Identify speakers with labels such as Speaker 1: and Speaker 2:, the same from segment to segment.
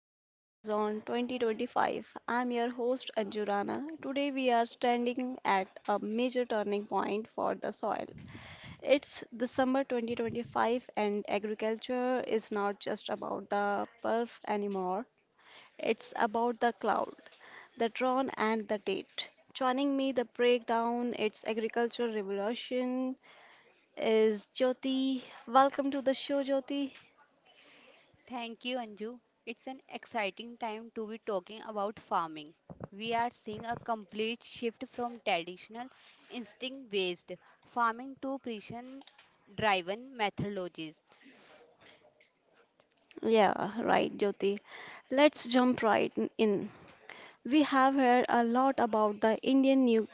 Speaker 1: Green Horizon 2025. I'm your host Anju Rana. Today we are standing at a major turning point for the soil. It's December 2025 and agriculture is not just about the pulse anymore. It's about the cloud, the tron and the date. Joining me the breakdown its agricultural revolution is Jyoti. Welcome to the show, Jyoti.
Speaker 2: Thank you, Anju. It's an exciting time to be talking about farming. We are seeing a complete shift from traditional instinct based farming to precision driven methodologies.
Speaker 1: Yeah, right, Jyoti. Let's jump right in. We have heard a lot about the Indian new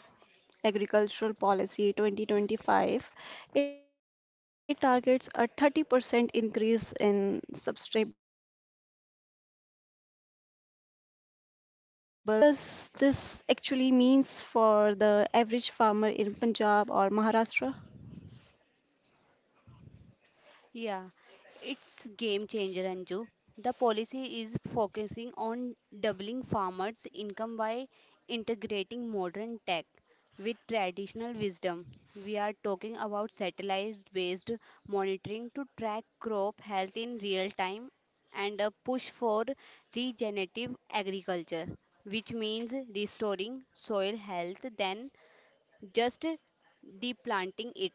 Speaker 1: agricultural policy 2025. It targets a 30% increase in sustainable farming by 2030. Jyoti, what does this actually means for the average farmer in Punjab or Maharashtra?
Speaker 2: Yeah, it's game changer, Anju. The policy is focusing on doubling farmers' income by integrating modern tech with traditional wisdom. We are talking about satellite-based monitoring to track crop health in real time and a push for regenerative agriculture, which means restoring soil health than just deplanting it.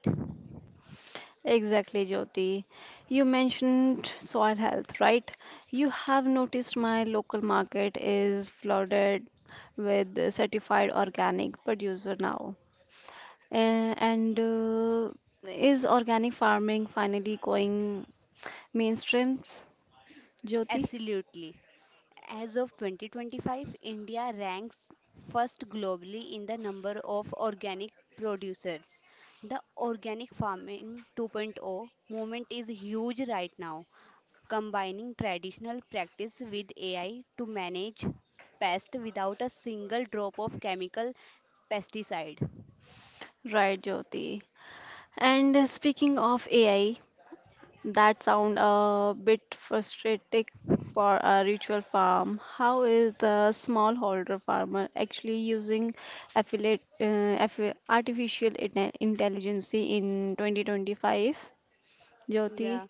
Speaker 1: Exactly, Jyoti. You mentioned soil health, right? You have noticed my local market is flooded with certified organic producer now. Eh, And Is organic farming finally going mainstreams, Jyoti?
Speaker 2: Absolutely. As of 2025, India ranks first globally in the number of organic producers. The Organic Farming 2.0 movement is huge right now, combining traditional practice with AI to manage pests without a single drop of chemical pesticide.
Speaker 1: Right, Jyoti. And Speaking of AI, that sound a bit frustrating for a ritual farm. How is the smallholder farmer actually using affiliate, uh, artificial intelligence in 2025, Jyoti?
Speaker 2: Yeah,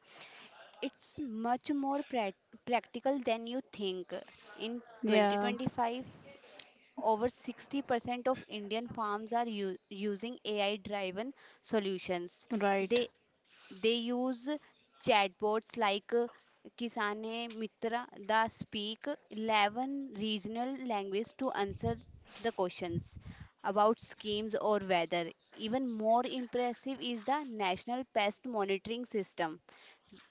Speaker 2: it's much more practical than you think. In
Speaker 1: Yeah,
Speaker 2: 2025, over 60% of Indian farms are using AI-driven solutions.
Speaker 1: right.
Speaker 2: They they use chatbots like Kisane Mitra that speak 11 regional languages to answer the questions about schemes or weather. Even more impressive is the National Pest Monitoring System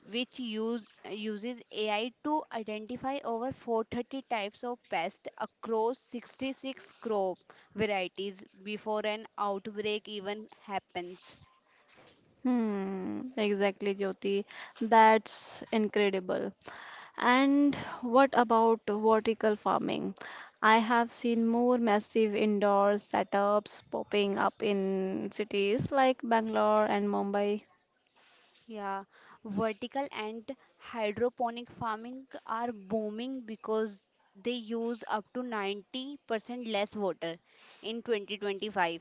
Speaker 2: which uses AI to identify over 430 types of pests across 66 crop varieties before an outbreak even happens.
Speaker 1: Hmm, exactly, Jyoti. That's incredible. And what about vertical farming? I have seen more massive indoor setups popping up in cities like Bangalore and Mumbai.
Speaker 2: Yeah, vertical and hydroponic farming are booming because they use up to 90% less water. In 2025,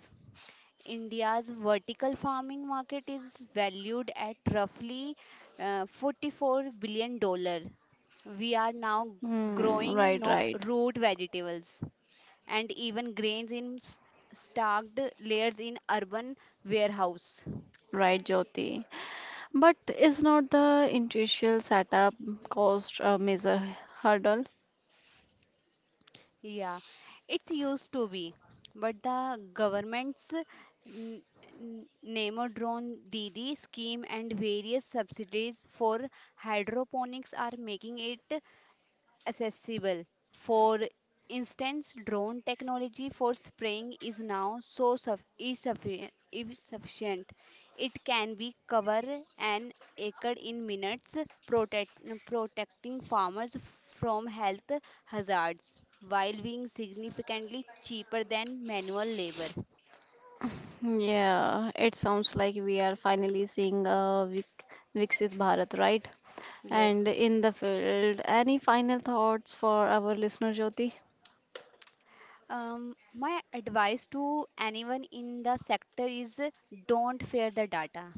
Speaker 2: India's vertical farming market is valued at roughly $44 billion. We are now
Speaker 1: Hmm,
Speaker 2: growing
Speaker 1: right,
Speaker 2: no
Speaker 1: right,
Speaker 2: root vegetables and even grains in stacked layers in urban warehouse.
Speaker 1: right, Jyoti. But is not the initial setup cost a major hurdle?
Speaker 2: Yeah, it's used to be, but the government's n- Namodron Didi scheme and various subsidies for hydroponics are making it accessible. For instance, drone technology for spraying is now so suff- is suffi- is sufficient. It can be cover an acre in minutes, protecting farmers from health hazards while being significantly cheaper than manual labor.
Speaker 1: Yeah, it sounds like we are finally seeing a Viksit Bharat, right?
Speaker 2: Yes.
Speaker 1: And in the field. Any final thoughts for our listener, Jyoti?
Speaker 2: My advice to anyone in the sector is don't fear the data,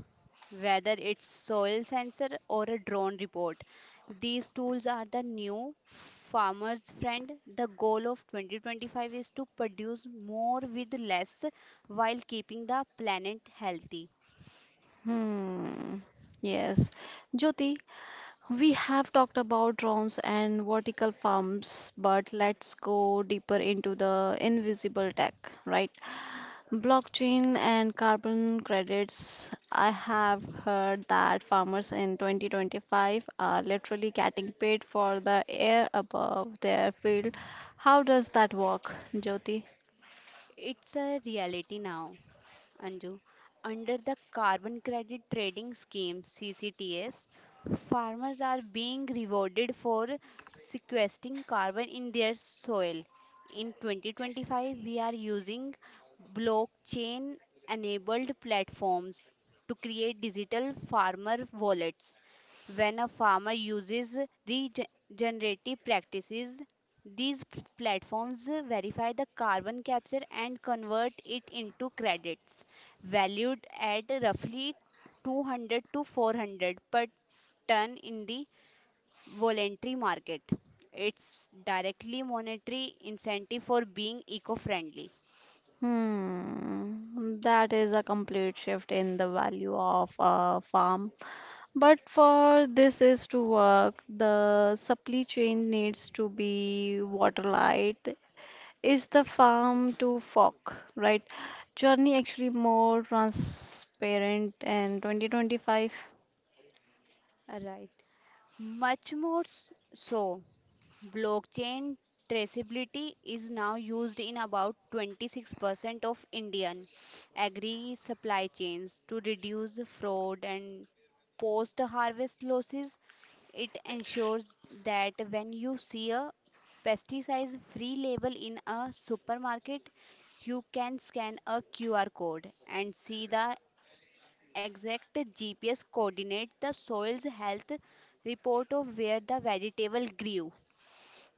Speaker 2: whether it's soil sensor or a drone report. These tools are the new farmer's friend. The goal of 2025 is to produce more with less while keeping the planet healthy.
Speaker 1: Hmm. Yes. Jyoti, we have talked about drones and vertical farms, but let's go deeper into the invisible tech, right? Blockchain and carbon credits. I have heard that farmers in 2025 are literally getting paid for the air above their field. How does that work, Jyoti?
Speaker 2: It's a reality now, Anju. Under the Carbon Credit Trading Scheme CCTS, farmers are being rewarded for sequestering carbon in their soil. In 2025, we are using blockchain enabled platforms to create digital farmer wallets. When a farmer uses regenerative practices, these platforms verify the carbon capture and convert it into credits valued at roughly 200 to 400 per ton in the voluntary market. It's directly monetary incentive for being eco-friendly.
Speaker 1: Hmm, that is a complete shift in the value of a farm. But for this is to work, the supply chain needs to be waterlight. Is the farm to fork, right? Journey actually more transparent in 2025.
Speaker 2: Right. Much more so. Blockchain traceability is now used in about 26% of Indian agri supply chains to reduce fraud and post harvest losses. It ensures that when you see a pesticide free label in a supermarket, you can scan a QR code and see the exact GPS coordinate the soil's health report of where the vegetable grew.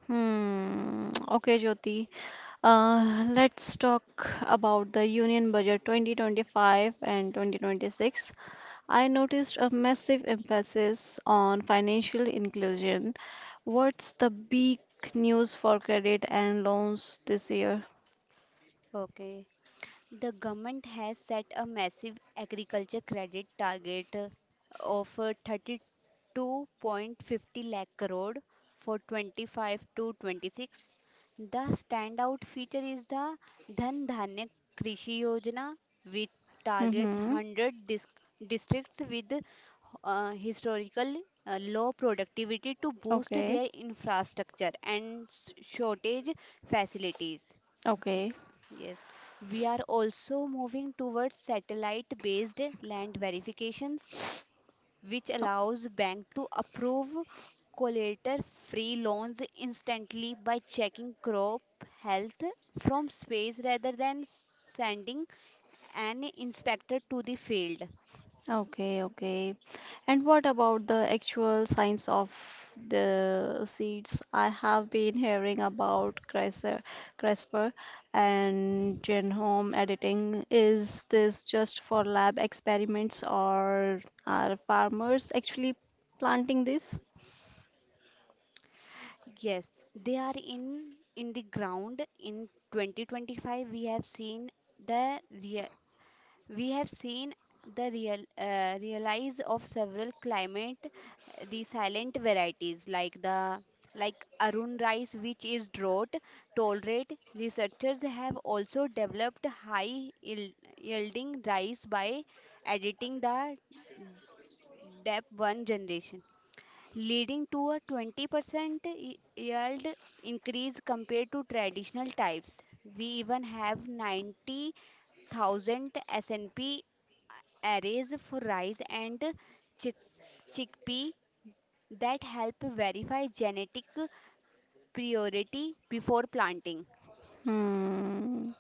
Speaker 1: Hmm. Okay, Jyoti. Let's talk about the Union Budget 2025 and 2026. I noticed a massive emphasis on financial inclusion. What's the big news for credit and loans this year?
Speaker 2: Okay. The government has set a massive agriculture credit target of 32.50 lakh crore for 25 to 26. The standout feature is the Dhan Dhanya Krishi Yojana, which targets
Speaker 1: Mm-hmm.
Speaker 2: 100 districts with historical low productivity to boost
Speaker 1: Okay.
Speaker 2: their infrastructure and shortage facilities.
Speaker 1: Okay.
Speaker 2: Yes, we are also moving towards satellite-based land verifications, which allows bank to approve collateral-free loans instantly by checking crop health from space rather than sending an inspector to the field.
Speaker 1: Okay, okay. And what about the actual science of the seeds? I have been hearing about CRISPR, CRISPR and genome editing. Is this just for lab experiments or are farmers actually planting this?
Speaker 2: Yes, they are in the ground. In 2025, the real, we have seen the real realize of several climate the silent varieties like the like Arun rice, which is drought tolerant. Researchers have also developed yielding rice by editing the dap 1 generation, leading to a 20% yield increase compared to traditional types. We even have 90,000 SNP arrays for rice and chick- chickpea that help verify genetic priority before planting.
Speaker 1: Hmm.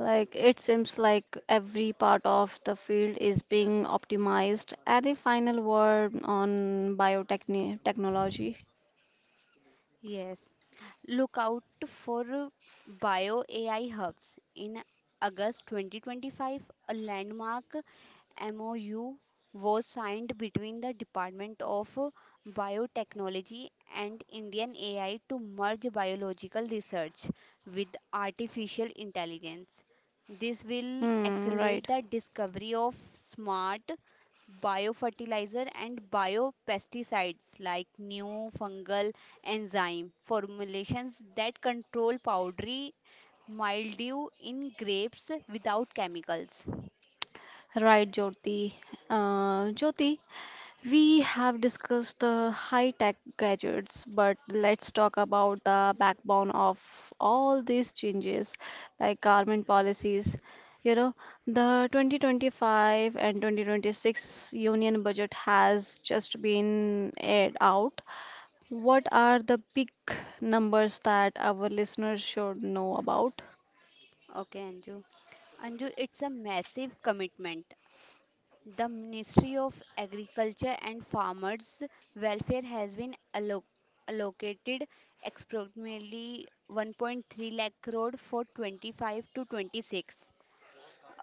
Speaker 1: Like it seems like every part of the field is being optimized. Any final word on biotechnology?
Speaker 2: Yes, look out for Bio AI Hubs. In August 2025, a landmark MOU was signed between the Department of Biotechnology and Indian AI to merge biological research with artificial intelligence. This will
Speaker 1: Hmm, right.
Speaker 2: accelerate the discovery of smart biofertilizer and biopesticides like new fungal enzyme formulations that control powdery mildew in grapes without chemicals.
Speaker 1: Right, Jyoti. Jyoti, we have discussed the high-tech gadgets, but let's talk about the backbone of all these changes, like government policies. You know, the 2025 and 2026 union budget has just been aired out. What are the big numbers that our listeners should know about?
Speaker 2: Okay, Anju. It's a massive commitment. The Ministry of Agriculture and Farmers Welfare has been allocated approximately 1.3 lakh crore for 25 to 26.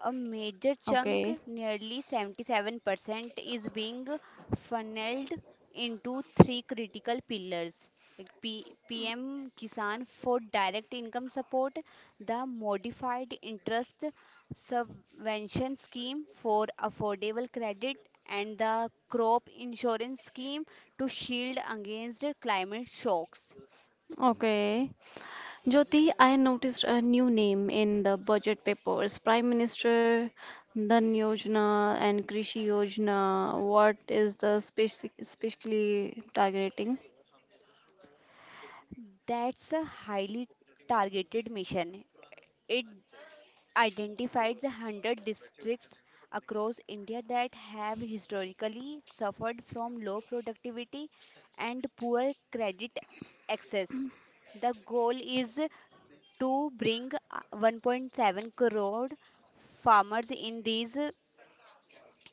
Speaker 2: A major chunk,
Speaker 1: Okay,
Speaker 2: nearly 77%, is being funneled into three critical pillars like PM Kisan for direct income support, the modified interest subvention scheme for affordable credit, and the crop insurance scheme to shield against climate shocks.
Speaker 1: okay. Jyoti, I noticed a new name in the budget papers. Prime Minister Dhan Yojana and Krishi Yojana. What is the specifically targeting?
Speaker 2: That's a highly targeted mission. It identified the 100 districts across India that have historically suffered from low productivity and poor credit access. The goal is to bring 1.7 crore farmers in these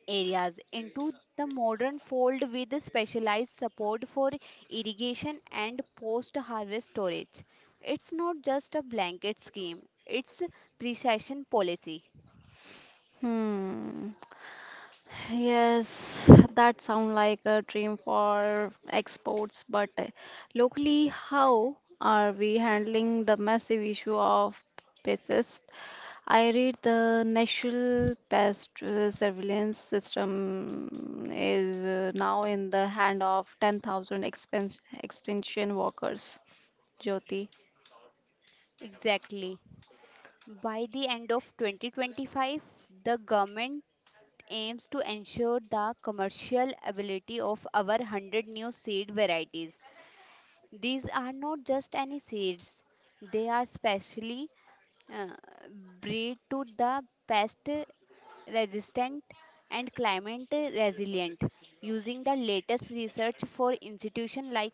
Speaker 2: areas into the modern fold with specialized support for irrigation and post harvest storage. It's not just a blanket scheme, it's precision policy.
Speaker 1: Hmm. Yes, that sounds like a dream for exports, but locally, how are we handling the massive issue of pests? I read the National Pest Surveillance System is now in the hand of 10,000 expense extension workers, Jyoti.
Speaker 2: Exactly. By the end of 2025, the government aims to ensure the commercial ability of our 100 new seed varieties. These are not just any seeds, they are specially uh, bred to the pest resistant and climate resilient using the latest research for institutions like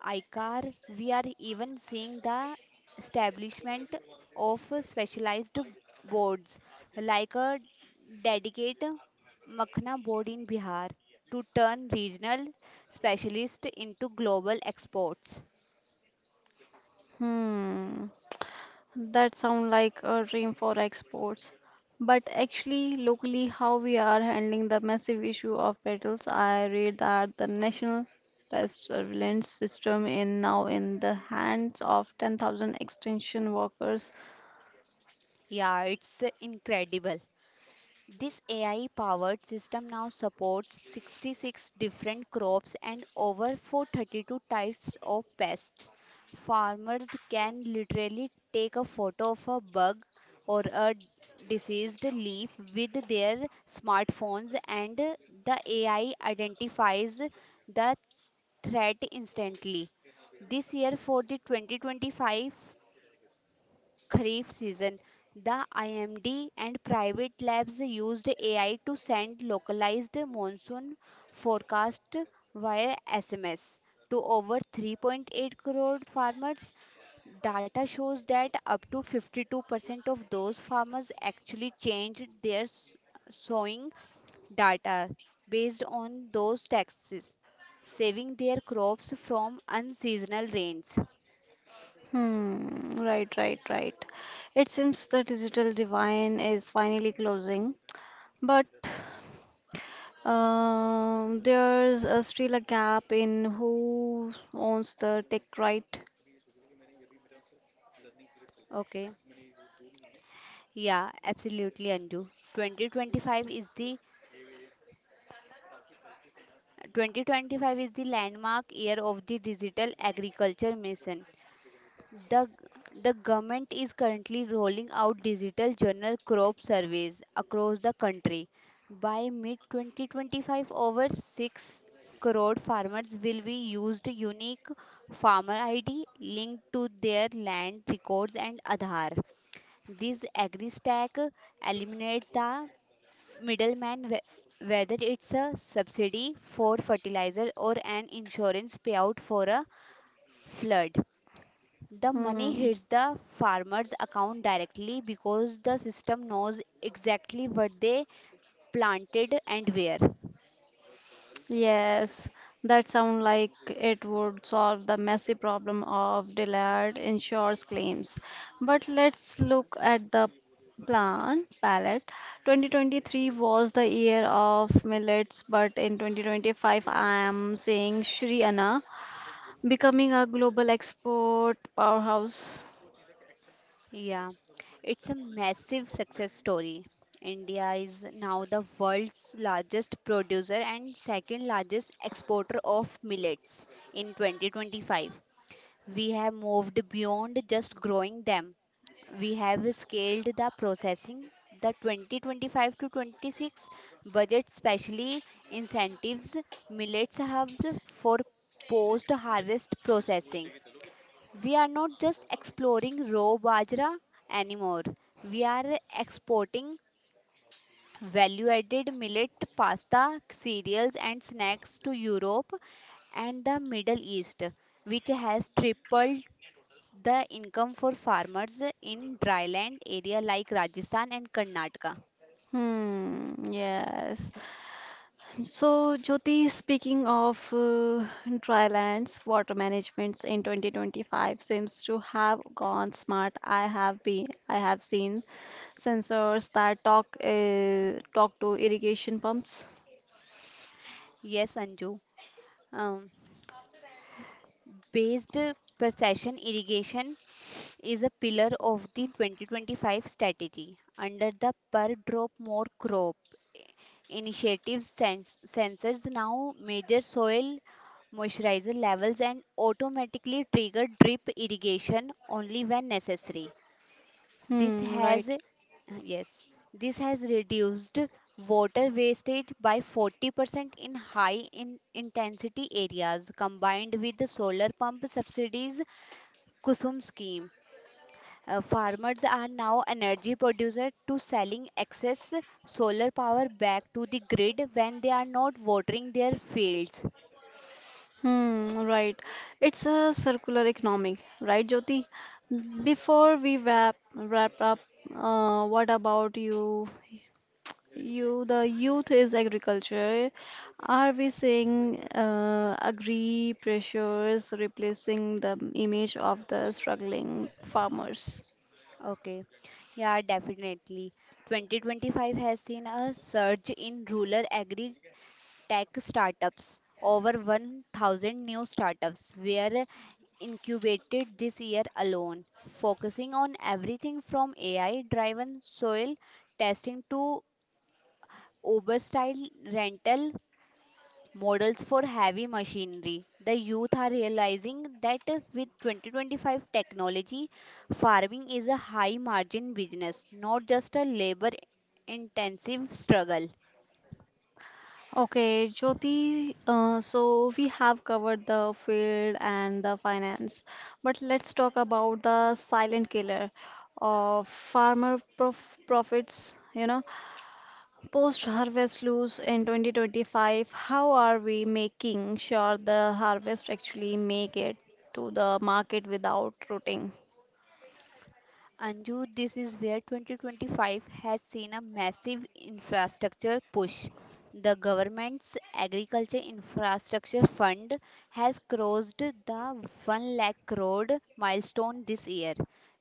Speaker 2: ICAR. We are even seeing the establishment of specialized boards like a dedicated Makhna board in Bihar to turn regional specialists into global exports.
Speaker 1: Hmm, that sounds like a dream for exports. But actually, locally, how we are handling the massive issue of petals? I read that the National Pest Surveillance System is now in the hands of 10,000 extension workers.
Speaker 2: Yeah, it's incredible. This AI powered system now supports 66 different crops and over 432 types of pests. Farmers can literally take a photo of a bug or a diseased leaf with their smartphones and the AI identifies the threat instantly. This year, for the 2025 kharif season, the IMD and private labs used AI to send localized monsoon forecast via SMS to over 3.8 crore farmers. Data shows that up to 52% of those farmers actually changed their sowing data based on those taxes, saving their crops from unseasonal rains.
Speaker 1: Hmm, right, right, right. It seems the digital divide is finally closing, but there's still a gap in who owns the tech, right?
Speaker 2: Okay. Yeah, absolutely, Anju. 2025 is the 2025 is the landmark year of the digital agriculture mission. The the government is currently rolling out digital journal crop surveys across the country. By mid 2025, over 6 crore farmers will be used unique farmer ID linked to their land records and Aadhaar. This AgriStack eliminates the middleman, whether it's a subsidy for fertilizer or an insurance payout for a flood. The money
Speaker 1: Hmm.
Speaker 2: hits the farmer's account directly because the system knows exactly what they planted and where.
Speaker 1: Yes, that sounds like it would solve the messy problem of delayed insurance claims. But let's look at the plan palette. 2023 was the year of millets, but in 2025, I am seeing Sri Anna becoming a global export powerhouse.
Speaker 2: Yeah, it's a massive success story. India is now the world's largest producer and second largest exporter of millets in 2025. We have moved beyond just growing them, we have scaled the processing. The 2025 to 26 budget specially incentives millets hubs for post harvest processing. We are not just exploring raw bajra anymore. We are exporting value added millet pasta, cereals, and snacks to Europe and the Middle East, which has tripled the income for farmers in dryland area like Rajasthan and Karnataka.
Speaker 1: Hmm, yes. So, Jyoti, speaking of dry lands, water managements in 2025 seems to have gone smart. I have seen sensors that talk to irrigation pumps.
Speaker 2: Yes, Anju. Um, Based precision irrigation is a pillar of the 2025 strategy under the per drop more crop initiatives. Sensors now measure soil moisturizer levels and automatically trigger drip irrigation only when necessary. This
Speaker 1: Hmm, right.
Speaker 2: has, uh, yes, this has reduced water wastage by 40% in high in intensity areas combined with the solar pump subsidies KUSUM scheme. Farmers are now energy producers to selling excess solar power back to the grid when they are not watering their fields.
Speaker 1: Hmm, right. It's a circular economy, right, Jyoti? Before we wrap up, what about you? You, the youth is agriculture. Are we seeing agri pressures replacing the image of the struggling farmers?
Speaker 2: Okay, yeah, definitely. 2025 has seen a surge in rural agri tech startups. Over 1,000 new startups were incubated this year alone, focusing on everything from AI driven soil testing to Uber style rental models for heavy machinery. The youth are realizing that with 2025 technology, farming is a high margin business, not just a labor intensive struggle.
Speaker 1: Okay, Jyoti, so we have covered the field and the finance, but let's talk about the silent killer of farmer profits. You know, post-harvest loss in 2025, how are we making sure the harvest actually make it to the market without rotting?
Speaker 2: Anju, this is where 2025 has seen a massive infrastructure push. The government's agriculture infrastructure fund has crossed the 1 lakh crore milestone this year.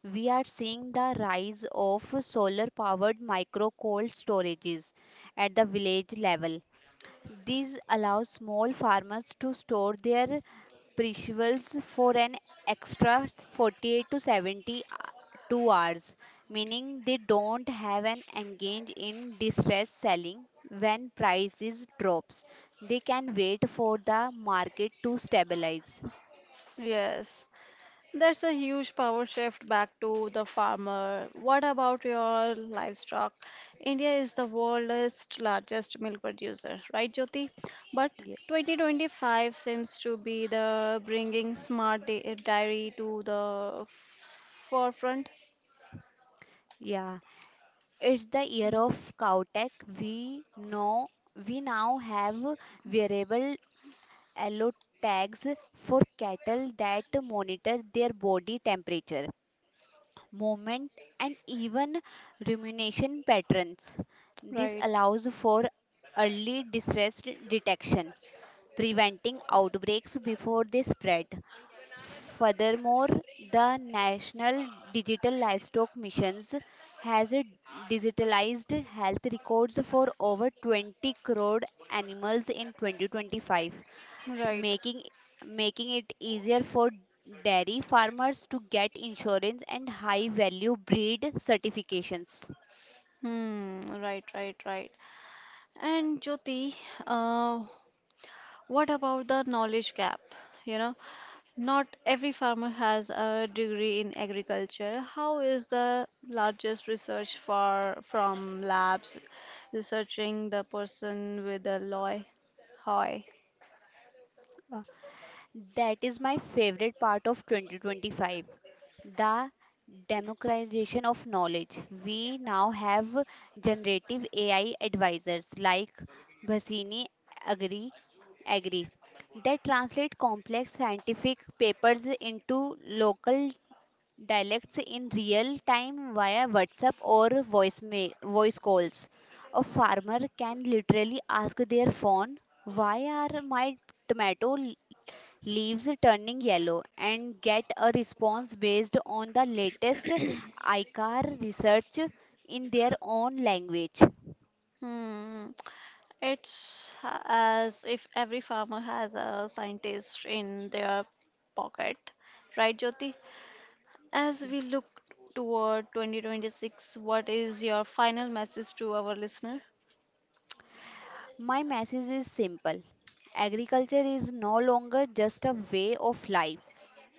Speaker 2: We are seeing the rise of solar powered micro cold storages at the village level. These allow small farmers to store their perishables for an extra 48 to 70 2 hours, meaning they don't have an engage in distress selling when prices drops. They can wait for the market to stabilize.
Speaker 1: Yes, that's a huge power shift back to the farmer. What about your livestock? India is the world's largest milk producer, right, Jyoti? But
Speaker 2: Yes.
Speaker 1: 2025 seems to be the bringing smart dairy to the forefront,
Speaker 2: Yeah, it's the year of Cowtech. We know we now have wearable allo tags for cattle that monitor their body temperature, movement, and even rumination patterns. This
Speaker 1: right?
Speaker 2: allows for early distress detections, preventing outbreaks before they spread. Furthermore, the National Digital Livestock Missions has digitalized health records for over 20 crore animals in 2025,
Speaker 1: Right.
Speaker 2: making making it easier for dairy farmers to get insurance and high value breed certifications.
Speaker 1: Hmm, right, right, right. And Jyoti, uh, what about the knowledge gap? You know, not every farmer has a degree in agriculture. How is the largest research for from labs researching the person with a loy hoy?
Speaker 2: Uh, That is my favorite part of 2025, the democratization of knowledge. We now have generative AI advisors like Bhasini Agri Agri that translate complex scientific papers into local dialects in real time via WhatsApp or voice, voice calls. A farmer can literally ask their phone, "Why are my tomato leaves turning yellow?" and get a response based on the latest ICAR research in their own language.
Speaker 1: Hmm. It's a- as if every farmer has a scientist in their pocket, right, Jyoti? As we look toward 2026, what is your final message to our listener?
Speaker 2: My message is simple. Agriculture is no longer just a way of life,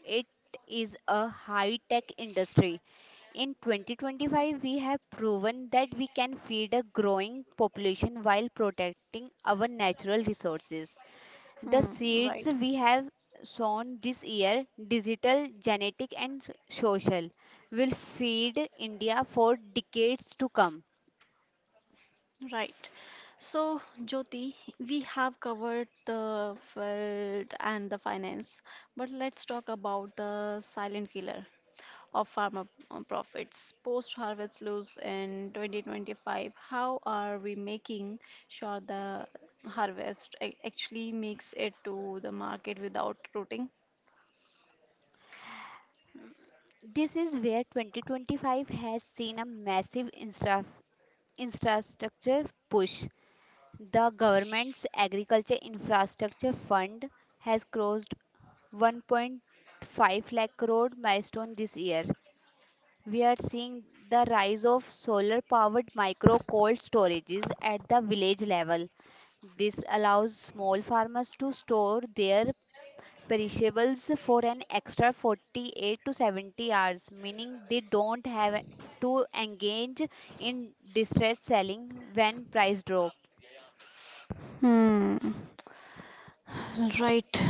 Speaker 2: it is a high tech industry. In 2025, we have proven that we can feed a growing population while protecting our natural resources. The
Speaker 1: Hmm,
Speaker 2: seeds
Speaker 1: right,
Speaker 2: we have sown this year, digital, genetic, and social, will feed India for decades to come.
Speaker 1: right. So, Jyoti, we have covered the field and the finance, but let's talk about the silent killer of farmer profits. Post-harvest loss in 2025, how are we making sure the harvest actually makes it to the market without rotting?
Speaker 2: This is where 2025 has seen a massive infrastructure push. The government's Agriculture Infrastructure Fund has crossed 1.5 lakh crore milestone this year. We are seeing the rise of solar powered micro cold storages at the village level. This allows small farmers to store their perishables for an extra 48 to 70 hours, meaning they don't have to engage in distress selling when price drop.
Speaker 1: Hmm. Right.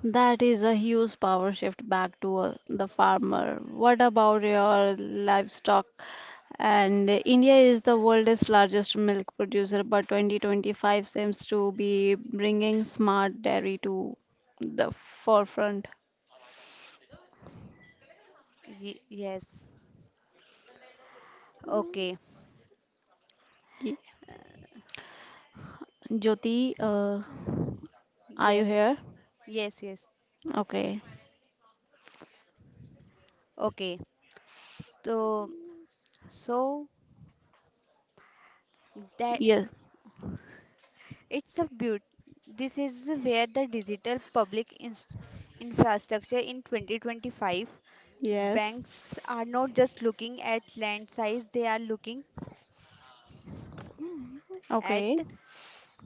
Speaker 1: That is a huge power shift back to the farmer. What about your livestock? And India is the world's largest milk producer, but 2025 seems to be bringing smart dairy to the forefront.
Speaker 2: Yes. Okay.
Speaker 1: Ye- Jyoti, are you
Speaker 2: Yes.
Speaker 1: here?
Speaker 2: Yes.
Speaker 1: Okay.
Speaker 2: Okay. So, so that
Speaker 1: Yes.
Speaker 2: it's a beaut this is where the digital public infrastructure in 2025,
Speaker 1: Yes.
Speaker 2: banks are not just looking at land size, they are at
Speaker 1: Okay.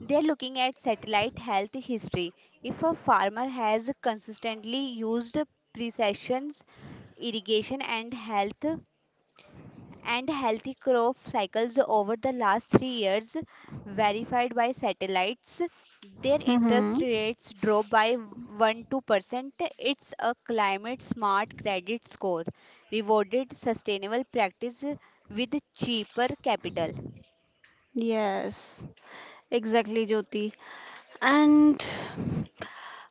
Speaker 2: looking at satellite health history. If a farmer has consistently used precision irrigation and healthy crop cycles over the last 3 years, verified by satellites, their interest
Speaker 1: Mm-hmm.
Speaker 2: rates drop by 1-2%. It's a climate smart credit score, rewarded sustainable practice with cheaper capital.
Speaker 1: Yes. Exactly, Jyoti. And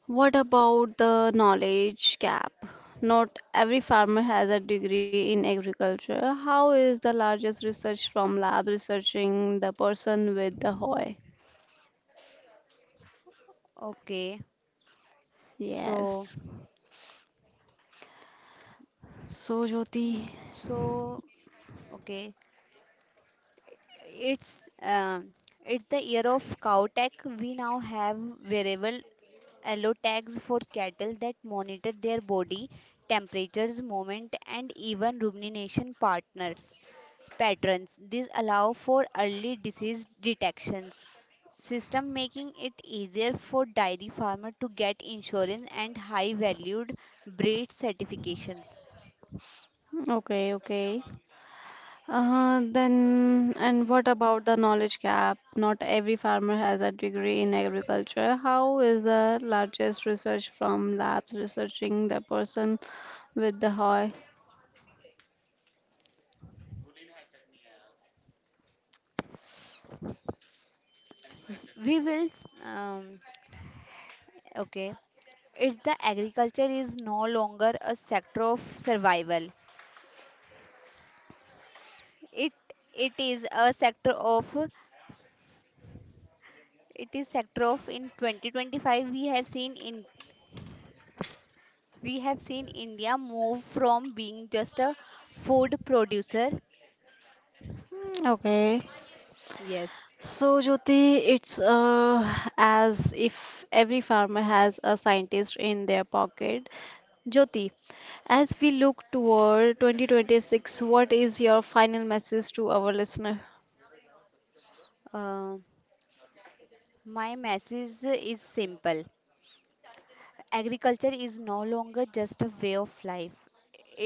Speaker 1: what about the knowledge gap? Not every farmer has a degree in agriculture. How is the largest research from lab researching the person with the hoy?
Speaker 2: Okay, so
Speaker 1: Yes. So, Jyoti.
Speaker 2: so okay it's um it's the year of cow tech. We now have wearable allow tags for cattle that monitor their body temperatures, movement, and even rumination partners patterns. These allow for early disease detections. System making it easier for dairy farmer to get insurance and high valued breed certifications.
Speaker 1: Okay, okay. Then, and what about the knowledge gap? Not every farmer has a degree in agriculture. How is the largest research from labs researching the person with the hoy?
Speaker 2: We will s- okay. It's the agriculture is no longer a sector of survival. It it is a sector of in 2025 we have seen in we have seen india move from being just a food producer.
Speaker 1: Mm, okay.
Speaker 2: Yes.
Speaker 1: So, Jyoti, it's as if every farmer has a scientist in their pocket. Jyoti, as we look toward 2026, what is your final message to our listener?
Speaker 2: Uh, my message is simple. Agriculture is no longer just a way of life,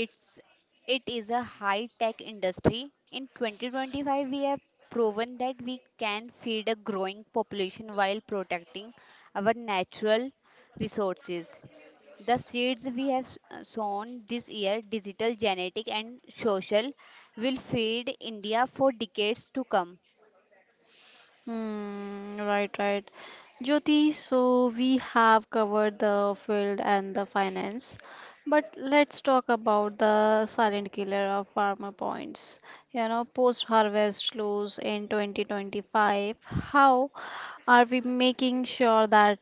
Speaker 2: it's it is a high tech industry. In 2025, we have proven that we can feed a growing population while protecting our natural resources. The seeds we have sown this year, digital, genetic, and social, will feed India for decades to come.
Speaker 1: Hmm, right, right. Jyoti, so we have covered the field and the finance, but let's talk about the silent killer of farmer points. You know, post-harvest loss in 2025. How are we making sure that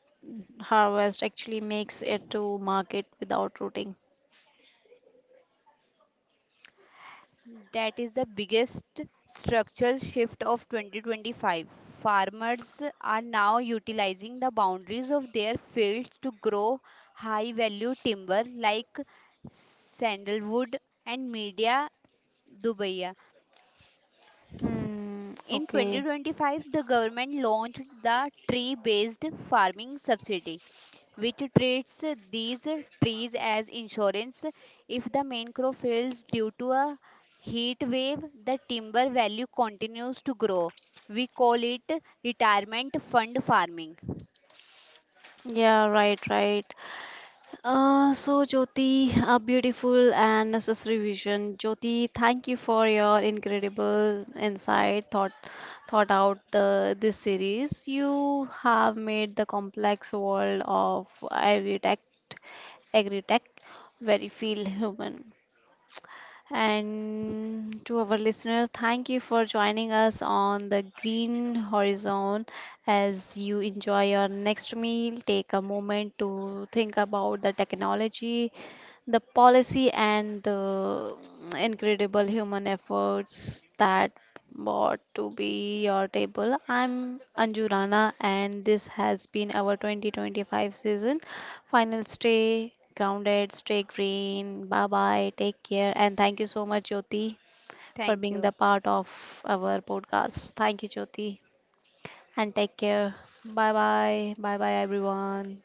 Speaker 1: harvest actually makes it to market without rooting?
Speaker 2: That is the biggest structural shift of 2025. Farmers are now utilizing the boundaries of their fields to grow high value timber like sandalwood and media dubai.
Speaker 1: Hmm,
Speaker 2: In
Speaker 1: okay.
Speaker 2: 2025, the government launched the tree based farming subsidy which treats these trees as insurance. If the main crop fails due to a heat wave, the timber value continues to grow. We call it retirement fund farming.
Speaker 1: Yeah, right, right. So, Jyoti, a beautiful and necessary vision. Jyoti, thank you for your incredible insight, thought out the, this series. You have made the complex world of agri-tech very feel human. And to our listeners, thank you for joining us on the Green Horizon. As you enjoy your next meal, take a moment to think about the technology, the policy, and the incredible human efforts that bought to be your table. I'm Anju Rana, and this has been our 2025 season. Final stay grounded, stay green. Bye bye. Take care. And thank you so much, Jyoti, for
Speaker 2: Thank
Speaker 1: being the
Speaker 2: you.
Speaker 1: part of our podcast. Thank you, Jyoti. And take care. Bye bye. Bye bye, everyone.